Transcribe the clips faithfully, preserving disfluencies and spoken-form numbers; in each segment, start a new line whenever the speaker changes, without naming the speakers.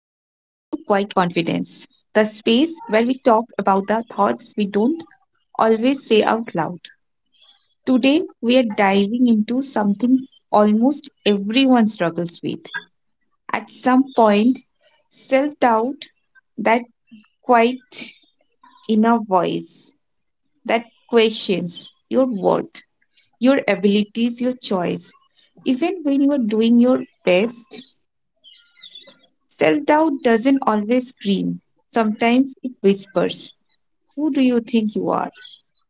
Confidence, the space where we talk about the thoughts we don't always say out loud. Today, we are diving into something almost everyone struggles with. At some point, self doubt, that quiet inner voice that questions your worth, your abilities, your choice. Even when you are doing your best, self doubt doesn't always scream, sometimes it whispers, who do you think you are?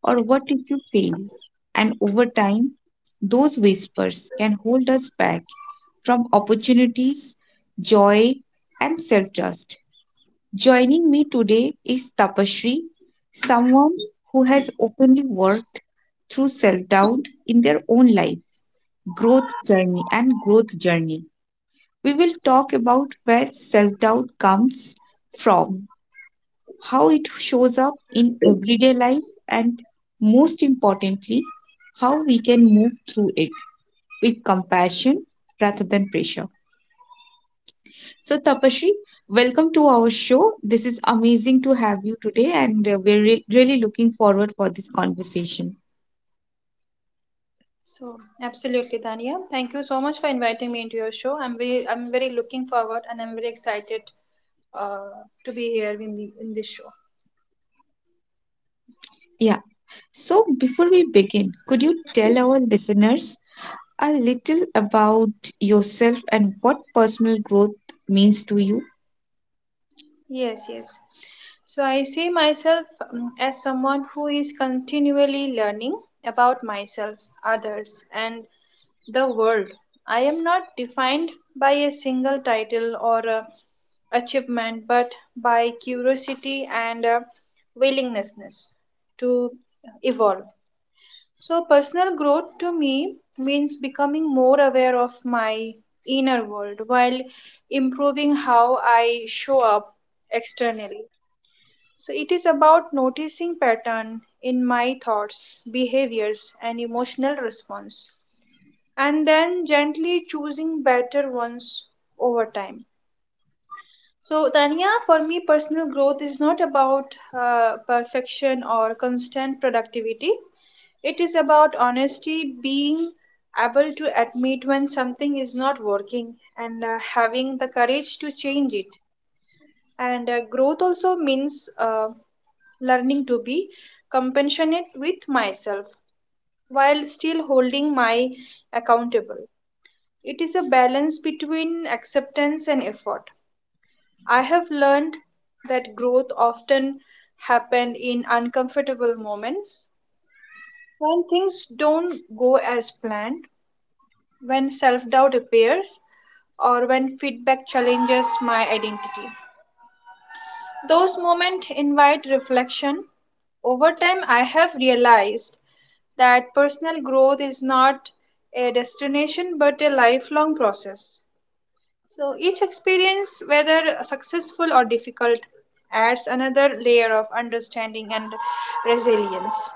Or what if you fail? And over time, those whispers can hold us back from opportunities, joy, and self trust. Joining me today is Tapashri, someone who has openly worked through self doubt in their own life, growth journey, and growth journey. We will talk about where self doubt comes from, how it shows up in everyday life, and most importantly, how we can move through it with compassion rather than pressure. So, Tapashri, welcome to our show. This is amazing to have you today, and uh, we're re- really looking forward for this conversation.
So absolutely, Dania. Thank you so much for inviting me into your show. I'm very, I'm very looking forward, and I'm very excited uh, to be here in the in this show.
Yeah. So, before we begin, could you tell our listeners a little about yourself and what personal growth means to you?
Yes, yes. So I see myself um, as someone who is continually learning about myself, others, and the world. I am not defined by a single title or a achievement, but by curiosity and uh, willingness to evolve. So, personal growth to me means becoming more aware of my inner world while improving how I show up externally. So, it is about noticing pattern in my thoughts, behaviors, and emotional response, and then gently choosing better ones over time. So, Tanya, for me, personal growth is not about uh, perfection or constant productivity. It is about honesty, being able to admit when something is not working, and uh, having the courage to change it. And uh, growth also means uh, learning to be compassionate with myself while still holding my accountable. It is a balance between acceptance and effort. I have learned that growth often happened in uncomfortable moments when things don't go as planned, when self doubt appears, or when feedback challenges my identity. Those moments invite reflection. Over time, I have realized that personal growth is not a destination but a lifelong process. So each experience, whether successful or difficult, adds another layer of understanding and resilience.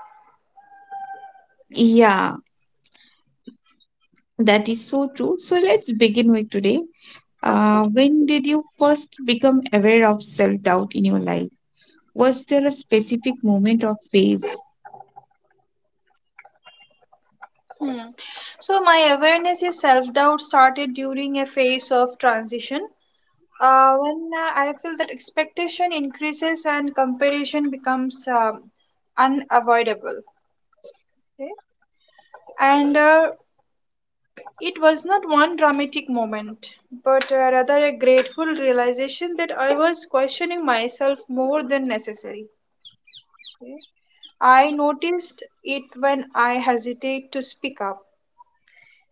Yeah, that is so true. So let's begin with today. Uh, when did you first become aware of self doubt in your life? Was there a specific moment or phase?
Hmm. So my awareness is self doubt started during a phase of transition Uh, when uh, I feel that expectation increases and comparison becomes um, unavoidable. Okay? And uh, it was not one dramatic moment, but uh, rather a grateful realization that I was questioning myself more than necessary. Okay? I noticed it when I hesitate to speak up,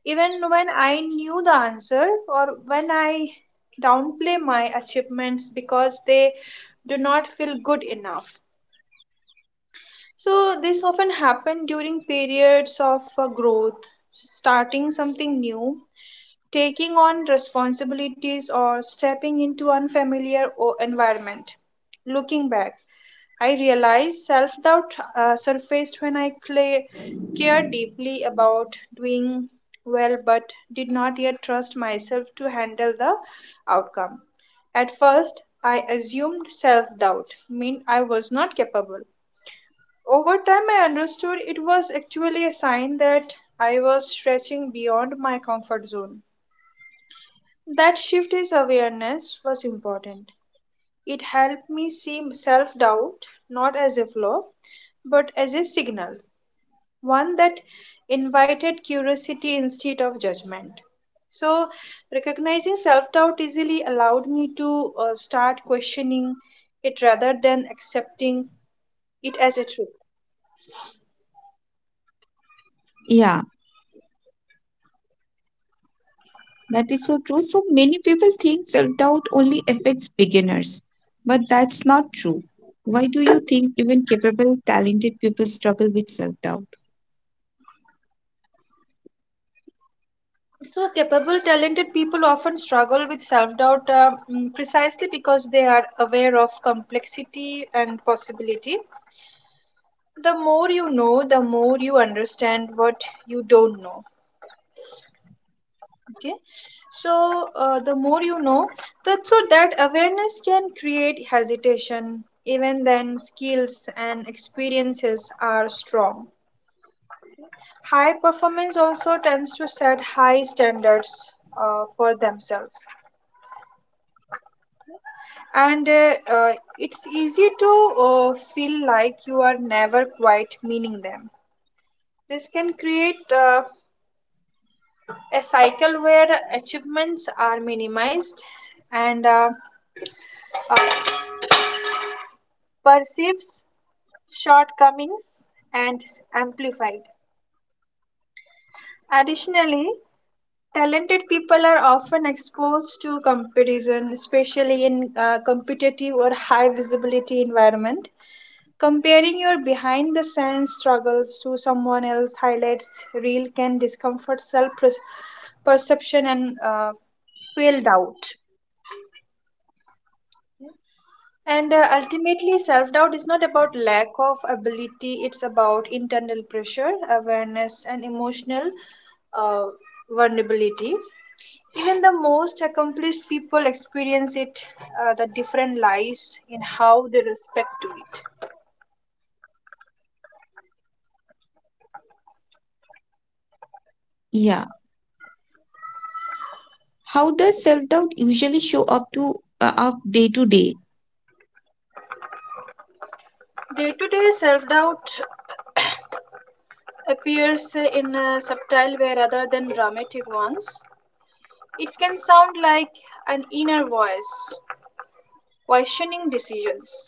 even when I knew the answer, or when I downplay my achievements because they do not feel good enough. So, this often happen during periods of uh, growth, starting something new, taking on responsibilities, or stepping into unfamiliar o- environment. Looking back, I realized self doubt uh, surfaced when I cla cared deeply about doing well but did not yet trust myself to handle the outcome. At first, I assumed self doubt meant I was not capable. Over time, I understood it was actually a sign that I was stretching beyond my comfort zone. That shift in awareness was important. It helped me see self doubt not as a flaw, but as a signal, one that invited curiosity instead of judgment. So, recognizing self doubt easily allowed me to uh, start questioning it rather than accepting it as a truth.
Yeah, that is so true. So many people think self doubt only affects beginners, but that's not true. Why do you think even capable, talented people struggle with self doubt?
So, capable, talented people often struggle with self doubt uh, mm, precisely because they are aware of complexity and possibility. The more you know, the more you understand what you don't know. Okay, so uh, the more you know, that so that awareness can create hesitation. Even then, skills and experiences are strong. High performance also tends to set high standards uh, for themselves, and uh, uh, it's easy to uh, feel like you are never quite meaning them. This can create uh, a cycle where achievements are minimized, and uh, uh, perceives shortcomings and amplified. Additionally, talented people are often exposed to comparison, especially in uh, competitive or high visibility environment. Comparing your behind the scenes struggles to someone else highlights real can discomfort self perception and uh, fuel doubt. And uh, ultimately, self doubt is not about lack of ability, it's about internal pressure, awareness, and emotional uh, vulnerability. Even the most accomplished people experience it, uh, the different lies in how they respect to it.
Yeah. How does self doubt usually show up to uh, up day to day?
Day to day self doubt appears in a subtle way rather than dramatic ones. It can sound like an inner voice questioning decisions,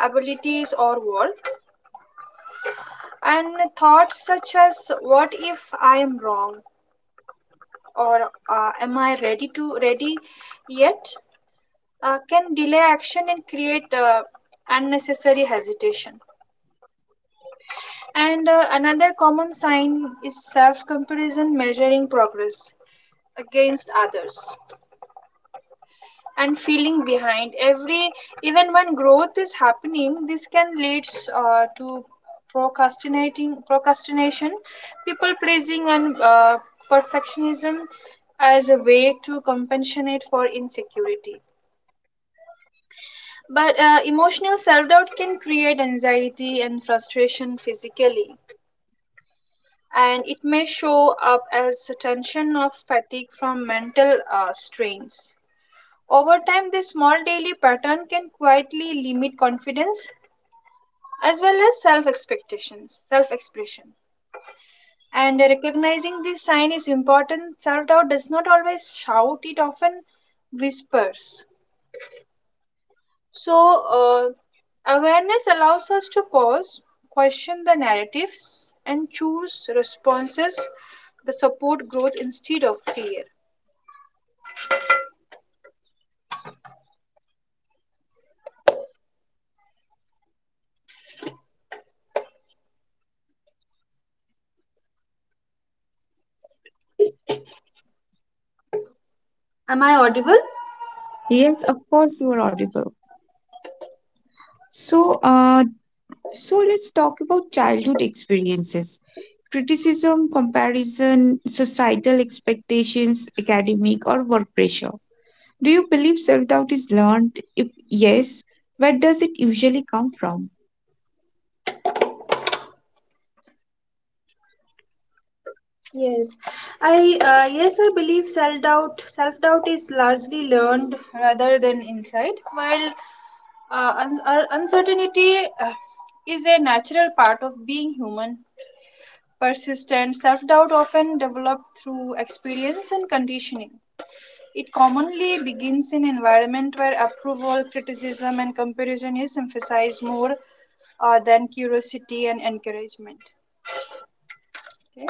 abilities, or worth, and thoughts such as "What if I am wrong?" or uh, "Am I ready to ready yet?" uh, can delay action and create uh, unnecessary hesitation. And uh, another common sign is self comparison measuring progress against others, and feeling behind every even when growth is happening. This can lead uh, to procrastinating procrastination, people pleasing, and uh, perfectionism as a way to compensate for insecurity. But uh, emotional self doubt can create anxiety and frustration physically, and it may show up as a tension of fatigue from mental uh, strains. Over time, this small daily pattern can quietly limit confidence as well as self expectations, self expression. And recognizing this sign is important. Self doubt does not always shout, it often whispers. So, uh, awareness allows us to pause, question the narratives, and choose responses that support growth instead of fear.
Yes, of course you are audible. So, uh, so let's talk about childhood experiences. Criticism, comparison, societal expectations, academic or work pressure. Do you believe self doubt is learned? If yes, where does it usually come from?
Yes, I uh, yes I believe self doubt self doubt is largely learned rather than insight, while uh, un- uh, uncertainty uh, is a natural part of being human. Persistent self doubt often developed through experience and conditioning. It commonly begins in environment where approval, criticism, and comparison is emphasized more uh, than curiosity and encouragement. Okay.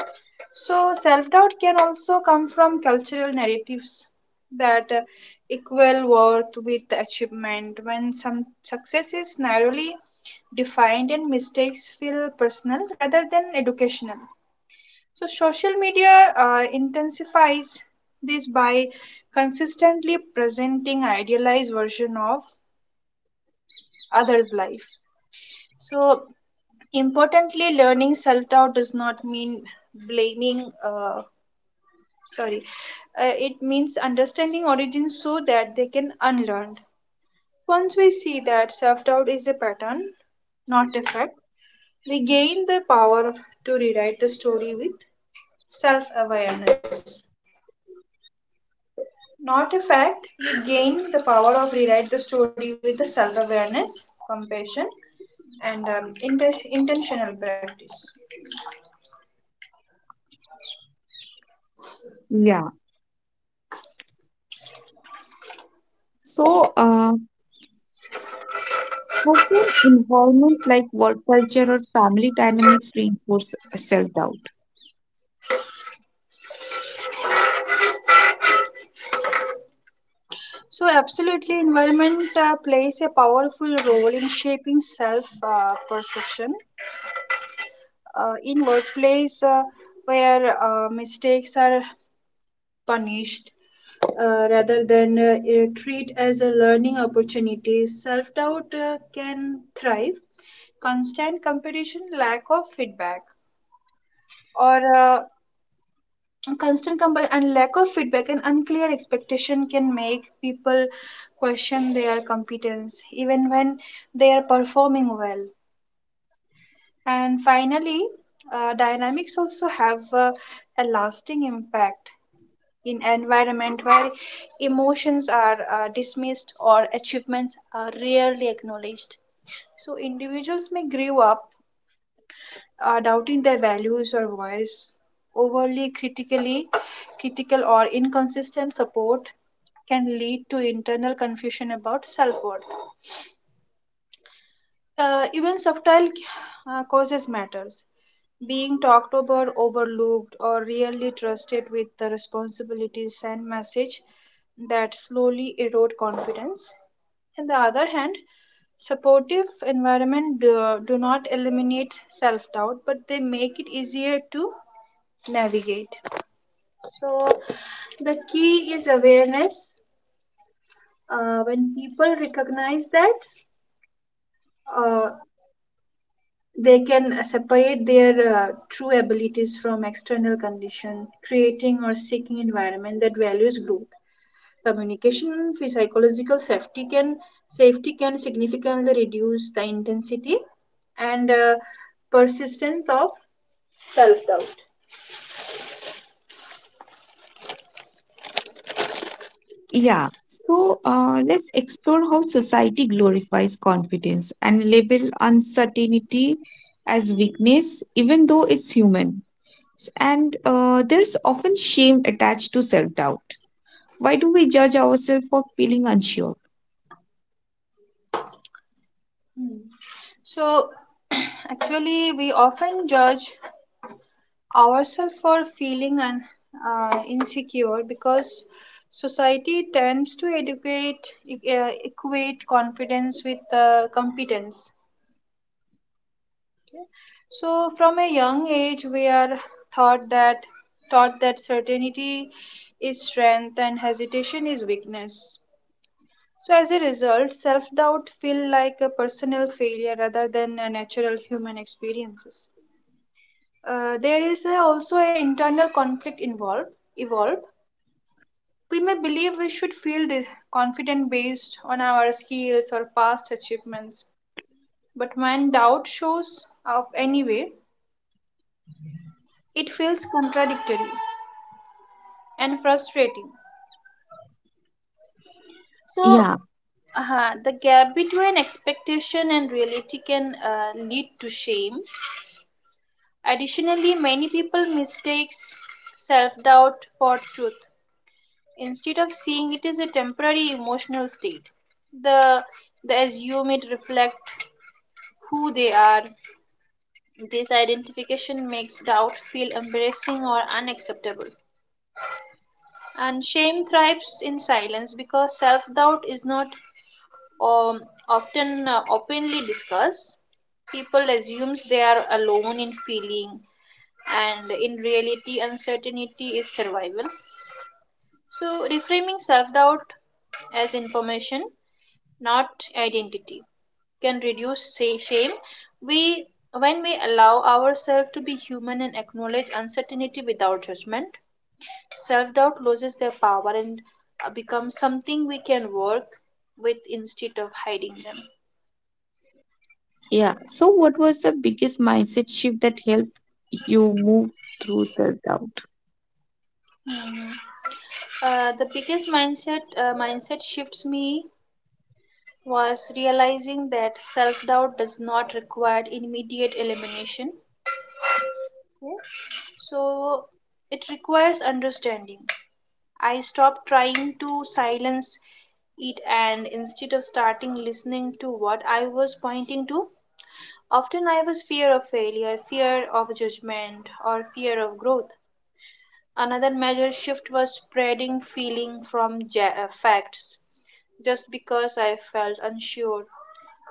So self doubt can also come from cultural narratives that uh, equal worth with achievement, when some success is narrowly defined and mistakes feel personal rather than educational. So social media uh, intensifies this by consistently presenting idealized version of others' life. So importantly, learning self doubt does not mean blaming uh, sorry uh, it means understanding origins so that they can unlearn. Once we see that self-doubt is a pattern, not effect, we gain the power to rewrite the story with self-awareness, not a fact. We gain the power of rewrite the story with the self-awareness, compassion, and um, inten- intentional practice.
Yeah. So, uh, How can environment like work culture or family dynamics reinforce self doubt?
So absolutely, environment uh, plays a powerful role in shaping self uh, perception. Uh, in workplace uh, where uh, mistakes are punished uh, rather than uh, eh, treat as a learning opportunity, self doubt uh, can thrive. Constant competition, lack of feedback, or uh, constant comp- and lack of feedback and unclear expectation can make people question their competence even when they are performing well. And finally, uh, dynamics also have uh, a lasting impact. In environment where emotions are uh, dismissed or achievements are rarely acknowledged, so individuals may grow up uh, doubting their values or voice. Overly critically critical or inconsistent support can lead to internal confusion about self-worth. Uh, even subtle uh, causes matters. Being talked about, overlooked, or rarely trusted with the responsibilities and message that slowly erode confidence. On the other hand, supportive environment do, do not eliminate self-doubt, but they make it easier to navigate. So the key is awareness. Uh, when people recognize that, uh, they can uh, separate their uh, true abilities from external condition. Creating or seeking environment that values growth, communication, and phy- psychological safety can safety can significantly reduce the intensity and uh, persistence of self doubt.
Yeah. So uh, let's explore how society glorifies confidence and label uncertainty as weakness, even though it's human. And uh, there's often shame attached to self doubt. Why do we judge ourselves for feeling unsure?
So actually we often judge ourselves for feeling un, uh, insecure because society tends to educate e, uh, equate confidence with uh, competence. So from a young age we are thought that taught that certainty is strength and hesitation is weakness. So as a result, self doubt feel like a personal failure rather than a natural human experiences. Uh, there is a, also an internal conflict involved evolved. We may believe we should feel dis- confident based on our skills or past achievements, but when doubt shows up anyway, it feels contradictory and frustrating. So,
Yeah.
uh the gap between expectation and reality can uh, lead to shame. Additionally, many people mistakes self-doubt for truth instead of seeing it as a temporary emotional state. The they assume it reflect who they are. This identification makes doubt feel embarrassing or unacceptable. And shame thrives in silence because self doubt is not um, often uh, openly discussed. People assumes they are alone in feeling, and in reality, uncertainty is survival. So, reframing self doubt as information, not identity, can reduce say shame. We When we allow ourselves to be human and acknowledge uncertainty without judgment, self-doubt loses their power and uh, becomes something we can work with instead of hiding them.
Yeah. So, what was the biggest mindset shift that helped you move through the doubt?
Hmm. Uh, the biggest mindset uh, mindset shifts me was realizing that self-doubt does not require immediate elimination. Okay. So it requires understanding. I stopped trying to silence it, and instead of starting listening to what I was pointing to, often I was fear of failure, fear of judgment, or fear of growth. Another major shift was spreading feeling from ja- uh, facts. Just because I felt unsure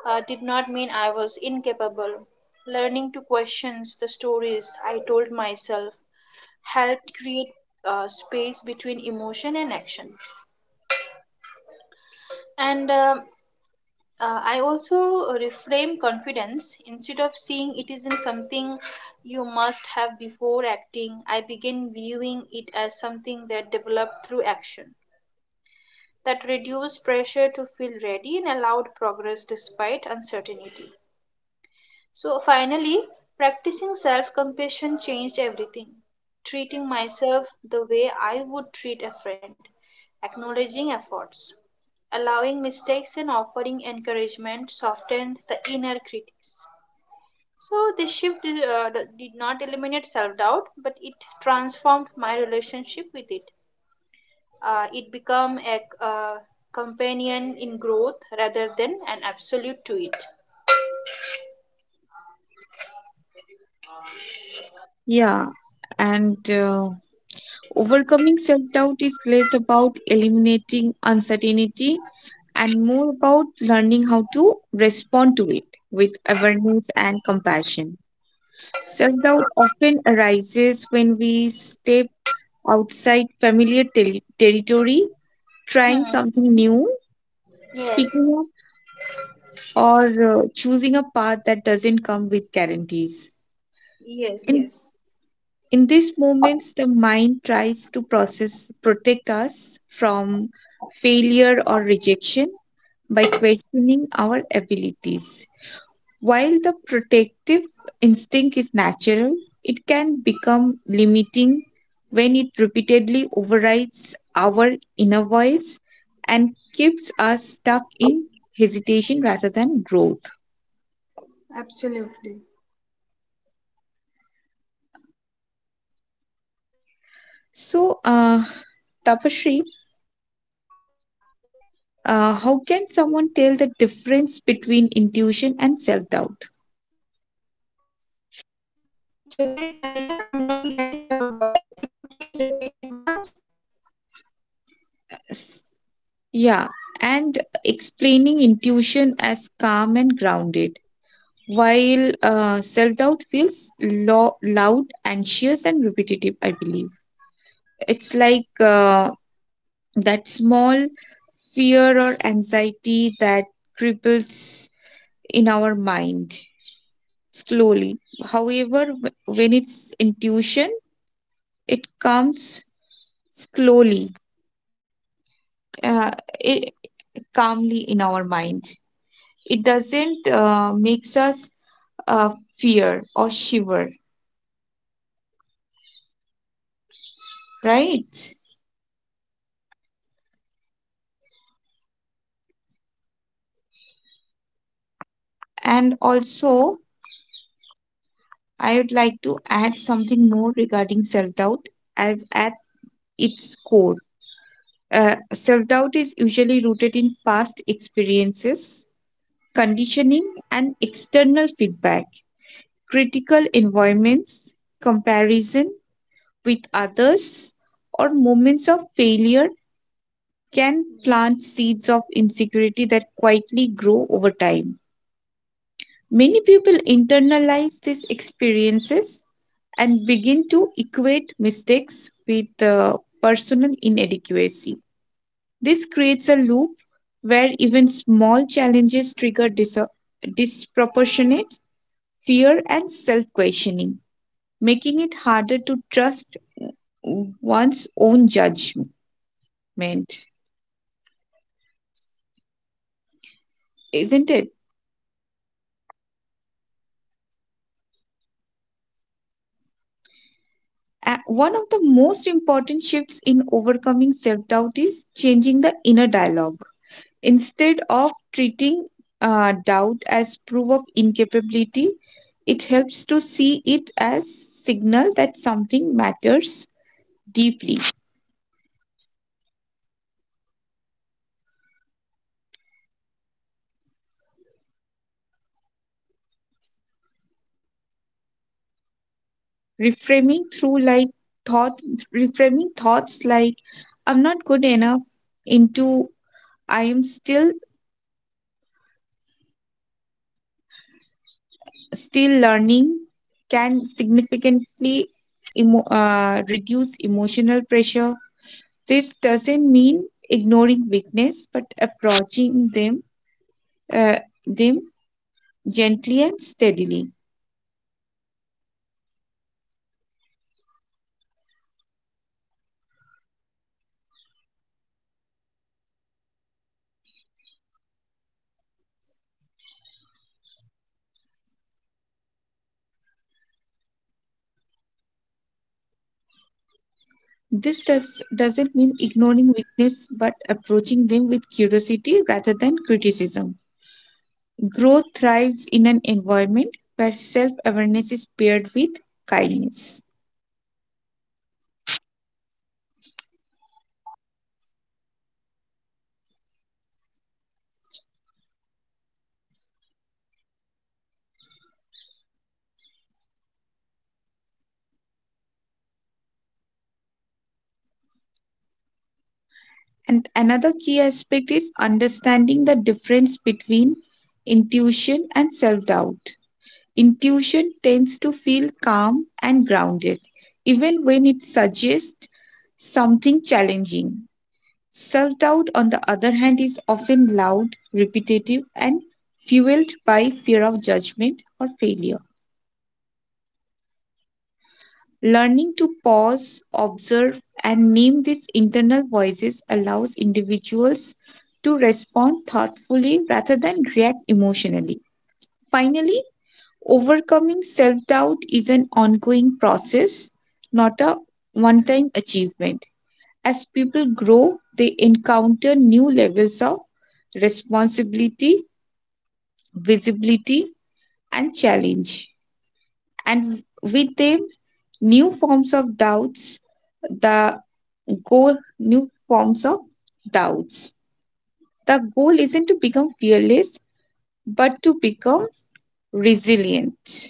uh, did not mean I was incapable. Learning to question the stories I told myself helped create uh, space between emotion and action. And um Uh, I also uh, reframe confidence. Instead of seeing it isn't something you must have before acting, I begin viewing it as something that developed through action, that reduced pressure to feel ready and allowed progress despite uncertainty. So, finally, practicing self compassion changed everything. Treating myself the way I would treat a friend, acknowledging efforts, allowing mistakes, and offering encouragement softened the inner critics. So, this shift uh, did not eliminate self doubt, but it transformed my relationship with it. Uh, it became a uh, companion in growth rather than an absolute to it.
Yeah. And uh, overcoming self doubt is less about eliminating uncertainty and more about learning how to respond to it with awareness and compassion. Self doubt often arises when we step outside familiar ter- territory, trying
Hmm.
something new,
Yes,
speaking or uh, choosing a path that doesn't come with guarantees.
yes,
In
yes,
in these moments, the mind tries to process protect us from failure or rejection by questioning our abilities. While the protective instinct is natural, it can become limiting when it repeatedly overrides our inner voice and keeps us stuck in hesitation rather than growth.
absolutely.
So, uh, Tapashri, uh, how can someone tell the difference between intuition and self doubt?
Actually, Tania, I'm not getting your voice. Could you please repeat it once?
S- Yeah, and explaining intuition as calm and grounded, while uh, self doubt feels lo- loud, anxious, and repetitive, I believe. It's like uh, that small fear or anxiety that cripples in our mind slowly. However, wh- when it's intuition, it comes slowly, uh, it, calmly in our mind. It doesn't uh, makes us uh, fear or shiver, right? And also, I would like to add something more regarding self doubt as at its core. Uh, self doubt is usually rooted in past experiences, conditioning, and external feedback, critical environments, comparison, with others or moments of failure can plant seeds of insecurity that quietly grow over time. Many people internalize these experiences and begin to equate mistakes with uh, personal inadequacy. This creates a loop where even small challenges trigger dis- disproportionate fear and self questioning, making it harder to trust one's own judgment. Isn't it? A- One of the most important shifts in overcoming self doubt is changing the inner dialogue. Instead of treating uh, doubt as proof of incapability, it helps to see it as signal that something matters deeply. Reframing through like thought, reframing thoughts like "I'm not good enough" into "I am still still learning" can significantly emo- uh, reduce emotional pressure. This doesn't mean ignoring weakness, but approaching them uh, them gently and steadily. This does doesn't mean ignoring weakness, but approaching them with curiosity rather than criticism. Growth thrives in an environment where self awareness is paired with kindness. And another key aspect is understanding the difference between intuition and self doubt. Intuition tends to feel calm and grounded, even when it suggests something challenging. Self doubt, on the other hand, is often loud, repetitive, and fueled by fear of judgment or failure. Learning to pause, observe, and name these internal voices allows individuals to respond thoughtfully rather than react emotionally. Finally, overcoming self doubt is an ongoing process, not a one time achievement. As people grow, they encounter new levels of responsibility, visibility, and challenge. And with them, new forms of doubts the goal new forms of doubts. The goal isn't to become fearless, but to become resilient.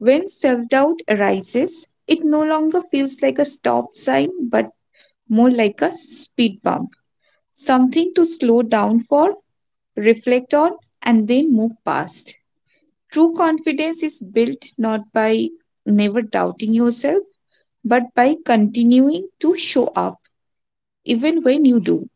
When self doubt arises, it no longer feels like a stop sign, but more like a speed bump, something to slow down for, reflect on, and then move past. True confidence is built not by never doubting yourself, but by continuing to show up, even when you do.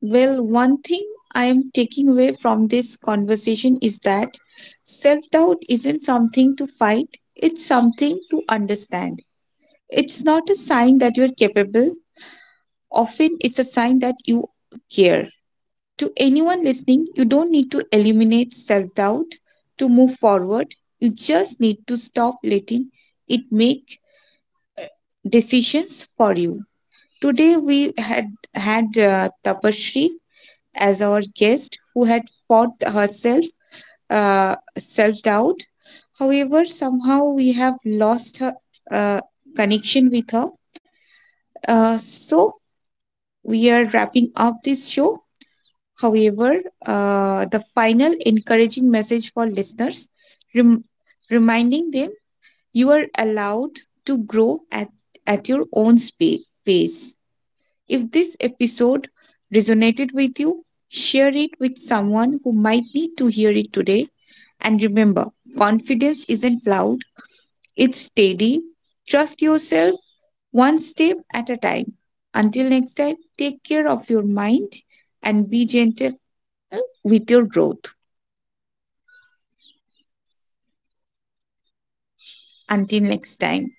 Well, one thing I am taking away from this conversation is that self doubt isn't something to fight, it's something to understand. It's not a sign that you're capable, often, it's a sign that you care. To anyone listening, you don't need to eliminate self doubt to move forward, you just need to stop letting it make decisions for you. Today, we had had uh, Tapashri as our guest who had fought herself uh, self-doubt. However, somehow we have lost her uh, connection with her, uh, so we are wrapping up this show. However, uh, the final encouraging message for listeners, rem- reminding them you are allowed to grow at, at your own spa- pace. If this episode resonated with you, share it with someone who might need to hear it today. And remember, confidence isn't loud, it's steady. Trust yourself one step at a time. Until next time, take care of your mind and be gentle with your growth. Until next time.